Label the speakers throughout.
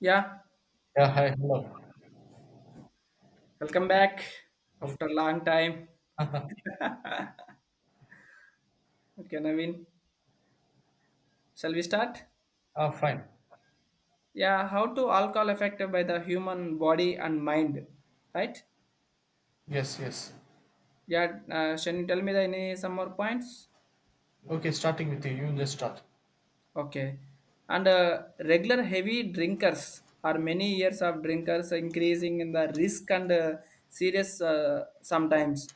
Speaker 1: Yeah,
Speaker 2: Yeah, hi, hello.
Speaker 1: welcome back
Speaker 2: Okay.
Speaker 1: after a long time. Okay, Naveen, shall we start?
Speaker 2: Ah, fine.
Speaker 1: Yeah, how to alcohol affected by the human body and mind, right?
Speaker 2: Yes, yes.
Speaker 1: Yeah, Shani, tell me the any some more points?
Speaker 2: Okay, starting with you just start.
Speaker 1: Okay, and regular heavy drinkers are many years of drinkers increasing in the risk and serious sometimes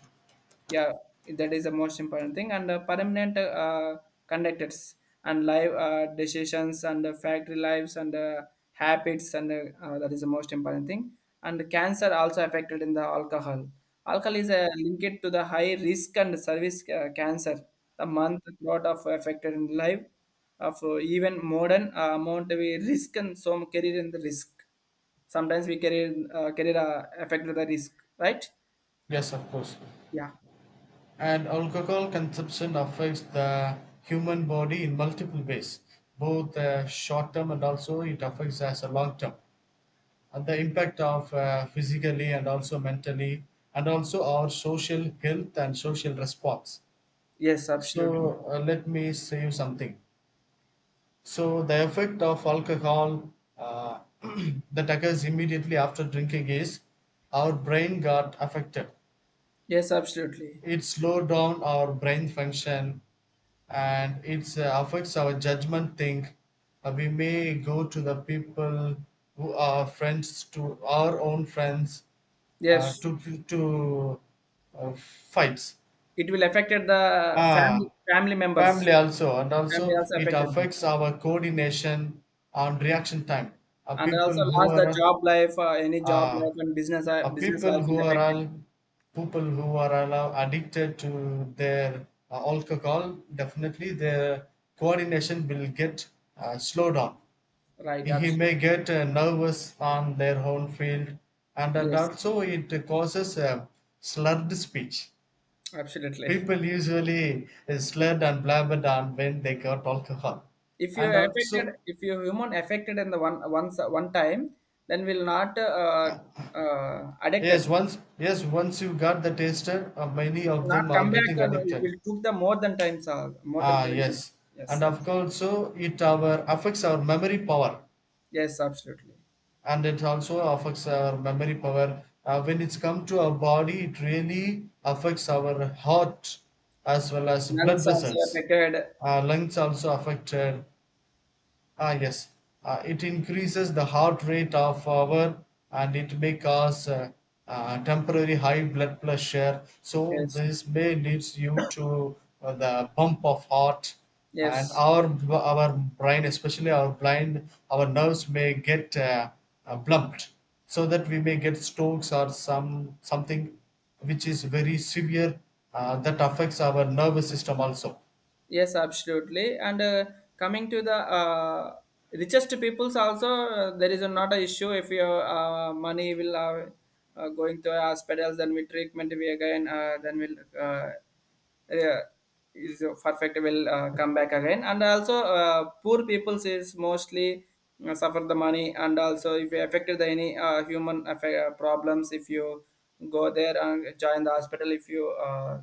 Speaker 1: yeah, that is the most important thing. And permanent conductors and live decisions and the factory lives and the habits and that is the most important thing. And cancer also affected in the alcohol. Alcohol is linked to the high risk and service cancer. The month lot of affected in life of even modern amount we risk and some carry in the risk. Sometimes we carry carry the affected the risk, right?
Speaker 2: Yes, of course.
Speaker 1: Yeah.
Speaker 2: And alcohol consumption affects the human body in multiple ways, both short term, and also it affects as a long term. And the impact of physically and also mentally, and also our social health and social response.
Speaker 1: Yes, absolutely.
Speaker 2: So let me say you something. So the effect of alcohol uh, that occurs immediately after drinking is our brain got affected.
Speaker 1: Yes, absolutely.
Speaker 2: It slowed down our brain function, and it affects our judgment thing. We may go to the people who are friends to our own friends uh,
Speaker 1: Yes,
Speaker 2: to to fights.
Speaker 1: it will affected the family
Speaker 2: Ah,
Speaker 1: family members.
Speaker 2: family also, and
Speaker 1: Family
Speaker 2: also
Speaker 1: also
Speaker 2: it
Speaker 1: affected,
Speaker 2: affects our coordination and reaction time. Uh,
Speaker 1: and
Speaker 2: people
Speaker 1: also
Speaker 2: who
Speaker 1: lost the
Speaker 2: are
Speaker 1: job life, any job
Speaker 2: uh,
Speaker 1: life and business uh, business
Speaker 2: people
Speaker 1: life
Speaker 2: who
Speaker 1: will
Speaker 2: are all
Speaker 1: affected.
Speaker 2: People who are all addicted to their alcohol, definitely their coordination will get slowed down.
Speaker 1: Right,
Speaker 2: He
Speaker 1: absolutely.
Speaker 2: may get nervous on their own field, and
Speaker 1: Yes,
Speaker 2: also it causes slurred speech.
Speaker 1: absolutely.
Speaker 2: People usually slurred and blabbered on when they got alcohol.
Speaker 1: If you
Speaker 2: And
Speaker 1: are
Speaker 2: also,
Speaker 1: affected, if you human affected in the one once one time, then will not addicted.
Speaker 2: yes, once you got the taster, many
Speaker 1: It will
Speaker 2: of
Speaker 1: not
Speaker 2: them are
Speaker 1: come back,
Speaker 2: getting
Speaker 1: and it
Speaker 2: addicted.
Speaker 1: will took the more than times more than
Speaker 2: Ah,
Speaker 1: time.
Speaker 2: yes,
Speaker 1: Yes,
Speaker 2: and
Speaker 1: that
Speaker 2: of
Speaker 1: is
Speaker 2: course, so it our affects our memory power,
Speaker 1: yes, absolutely.
Speaker 2: and it also affects our memory power. When it's come to our body, it really affects our heart as well as blood
Speaker 1: Nuns also
Speaker 2: vessels.
Speaker 1: affected.
Speaker 2: Lungs also affected. Ah, yes, it increases the heart rate of our, and it may cause temporary high blood pressure. So
Speaker 1: Yes.
Speaker 2: this may leads you to the pump of heart, and
Speaker 1: Yes,
Speaker 2: our our brain, especially our blind, our nerves may get blumped, so that we may get strokes or some something which is very severe, that affects our nervous system also.
Speaker 1: yes, absolutely. And coming to the richest peoples also, there is not a issue if your money will going to hospitals, then we treatment we again, then we'll yeah, is perfect will come back again. And also, poor peoples is mostly suffer the money, and also if you affected the any problems, if you go there and join the hospital, if you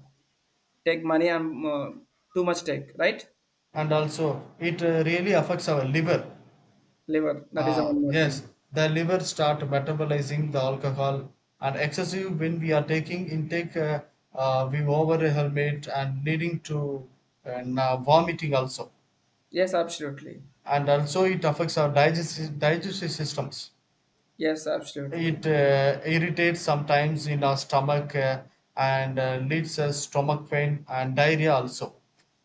Speaker 1: take money, I'm too much take, right?
Speaker 2: And also it really affects our liver.
Speaker 1: Liver. That is the one
Speaker 2: Ah,
Speaker 1: more thing.
Speaker 2: yes, the liver start metabolizing the alcohol, and excessive when we are taking intake, we over helmet and leading to, vomiting also.
Speaker 1: Yes, absolutely.
Speaker 2: And also it affects our digestive systems.
Speaker 1: Yes, absolutely.
Speaker 2: It irritates sometimes in our stomach, and leads us stomach pain and diarrhea also.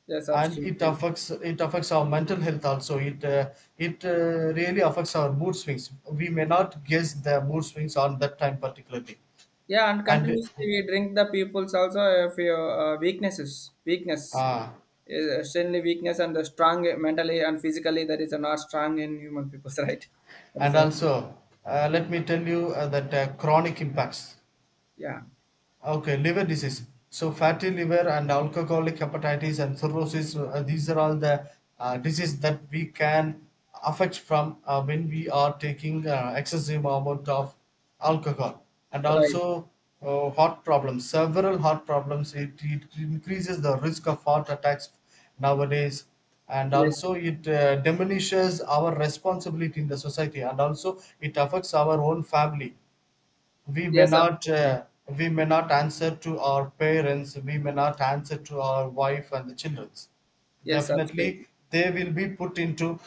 Speaker 1: Yes,
Speaker 2: And it
Speaker 1: absolutely.
Speaker 2: affects it affects our mental health also. It really affects our mood swings. We may not guess the mood swings on that time particularly.
Speaker 1: Yeah, and
Speaker 2: And
Speaker 1: continuously we drink the people's also if your weakness,
Speaker 2: uh,
Speaker 1: uh, extremely weakness and the strong mentally and physically that is not strong in human peoples, right? That is
Speaker 2: and
Speaker 1: one.
Speaker 2: also Let me tell you that chronic impacts.
Speaker 1: Yeah.
Speaker 2: Okay, liver disease. So fatty liver and alcoholic hepatitis and cirrhosis, these are all the diseases that we can affect from when we are taking excessive amount of alcohol. And
Speaker 1: Right.
Speaker 2: also heart problems, several heart problems. It increases the risk of heart attacks nowadays. And
Speaker 1: Yes.
Speaker 2: also it diminishes our responsibility in the society, and also it affects our own family. We may
Speaker 1: Yes,
Speaker 2: not
Speaker 1: absolutely.
Speaker 2: we may not answer to our parents, we may not answer to our wife and the childrens.
Speaker 1: Yes, absolutely.
Speaker 2: Definitely, they will be put into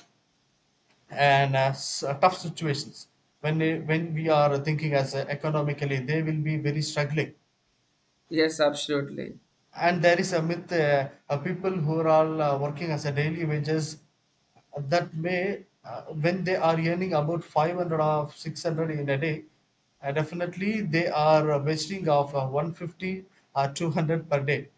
Speaker 2: an tough situations when when we are thinking as economically, they will be very struggling.
Speaker 1: Yes, absolutely.
Speaker 2: And there is a myth of people who are all working as a daily wages, that may when they are earning about 500 or 600 in a day, definitely they are wasting of 150 or 200 per day.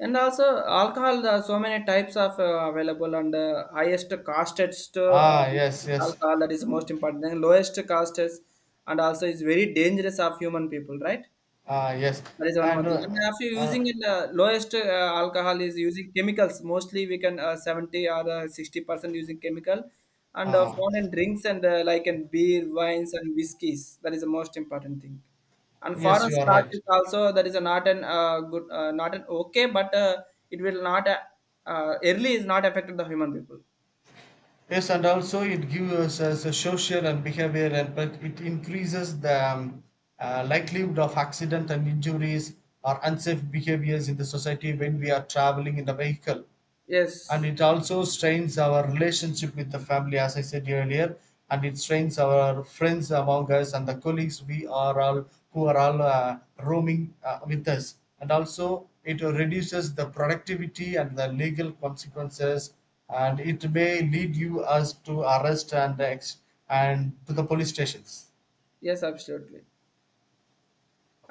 Speaker 1: And also alcohol, there are so many types of available and highest costest
Speaker 2: Ah, yes, yes.
Speaker 1: alcohol that is the most important thing. Lowest costest and also is very dangerous of human people, right?
Speaker 2: Ah, yes.
Speaker 1: That is one more
Speaker 2: and
Speaker 1: thing. And after
Speaker 2: uh,
Speaker 1: using in the lowest alcohol is using chemicals. Mostly we can 70 or 60% using chemical. And
Speaker 2: uh,
Speaker 1: foreign drinks and like in beer, wines and whiskies. That is the most important thing. And
Speaker 2: yes,
Speaker 1: foreign
Speaker 2: you are
Speaker 1: starch
Speaker 2: right.
Speaker 1: is also that is a not an good, not an okay, but it will not early is not affected the human people.
Speaker 2: Yes, and also it gives us a social and behavior, and but it increases the likelihood of accident and injuries or unsafe behaviors in the society when we are traveling in the vehicle, and
Speaker 1: Yes,
Speaker 2: it also strains our relationship with the family as I said earlier, and it strains our friends among us and the colleagues we are all who are all roaming with us, and also it reduces the productivity and the legal consequences, and it may lead you us to arrest and and to the police stations.
Speaker 1: yes, absolutely.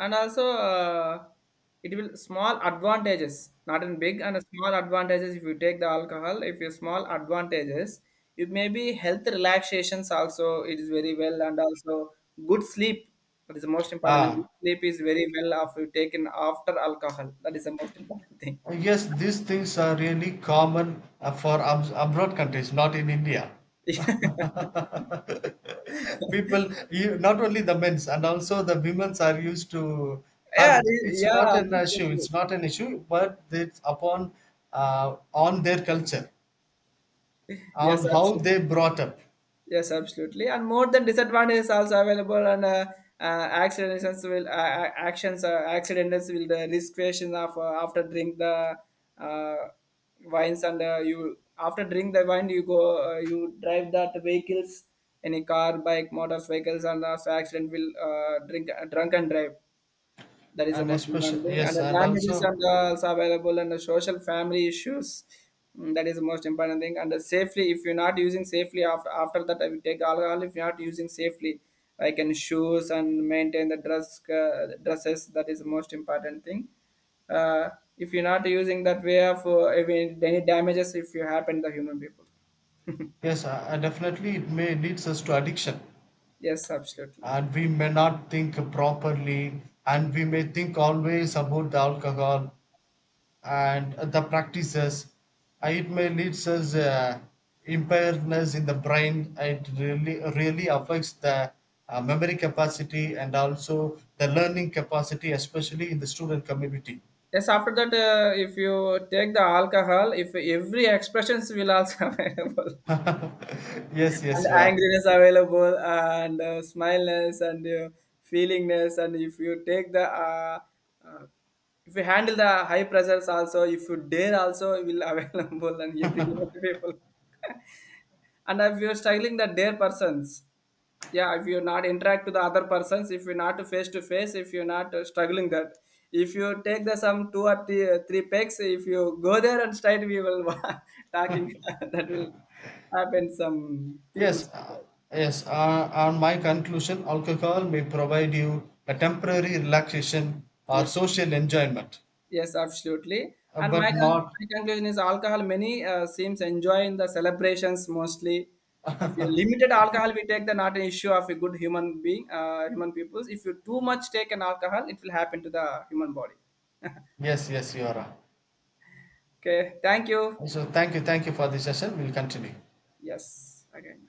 Speaker 1: And also it will small advantages not in big and a small advantages if you take the alcohol if you small advantages it may be health relaxations also it is very well and also good sleep that is the most important and good
Speaker 2: Ah,
Speaker 1: sleep is very well after taken after alcohol that is the most important thing.
Speaker 2: yes, these things are really common uh, for abroad countries, not in India.
Speaker 1: Yeah,
Speaker 2: People you, not only the men's and also the women's are used to habit.
Speaker 1: it is yeah, absolutely.
Speaker 2: It's not an issue, but it's upon on their culture,
Speaker 1: Yes,
Speaker 2: on how
Speaker 1: absolutely.
Speaker 2: they brought up.
Speaker 1: Yes, absolutely. And more than disadvantages also available and accidents will the risk creation of after drink the uh, wines and you after drink the wine you go you drive that vehicles any car bike motorcycles and also accident will drink drunk and drive that is the
Speaker 2: And
Speaker 1: most important
Speaker 2: especially,
Speaker 1: thing. And
Speaker 2: yes,
Speaker 1: the
Speaker 2: and
Speaker 1: damages
Speaker 2: also,
Speaker 1: and the also available and the social family issues. Mm, that is the most important thing. And the safely, if you're not using safely after after that, I will take alcohol. If you're not using safely, like in shoes and maintain the dress dresses. That is the most important thing. Uh, if you're not using that way of any any damages, if you happen to the human people.
Speaker 2: yes, and definitely it may leads us to addiction,
Speaker 1: Yes, absolutely.
Speaker 2: and we may not think properly, and we may think always about the alcohol and the practices. It may lead us impairness in the brain. It really really affects the memory capacity and also the learning capacity, especially in the student community.
Speaker 1: Yes, after that, if you take the alcohol, if every expressions will also available.
Speaker 2: Yes
Speaker 1: And
Speaker 2: yes you are
Speaker 1: angriness available and smileness and feelingness and if you take the uh, if you handle the high pressures also if you dare also it will available and every people and if you're struggling the dare persons, yeah, if you're not interact with the other persons, if you're not face to face, if you're not struggling that, if you take the some three pegs, if you go there and straight we will talking that will happen some people.
Speaker 2: yes uh, yes, on my conclusion, alcohol may provide you a temporary relaxation or
Speaker 1: Yes,
Speaker 2: social enjoyment,
Speaker 1: yes, absolutely. And my,
Speaker 2: but not.
Speaker 1: my conclusion is alcohol, many seems enjoy in the celebrations mostly. If you limited alcohol, we take the not an issue of a good human being, human peoples. If you too much take an alcohol, it will happen to the human body.
Speaker 2: Yes, yes, you are.
Speaker 1: Okay, thank you.
Speaker 2: So thank you, thank you for this session. We'll continue.
Speaker 1: Yes, again.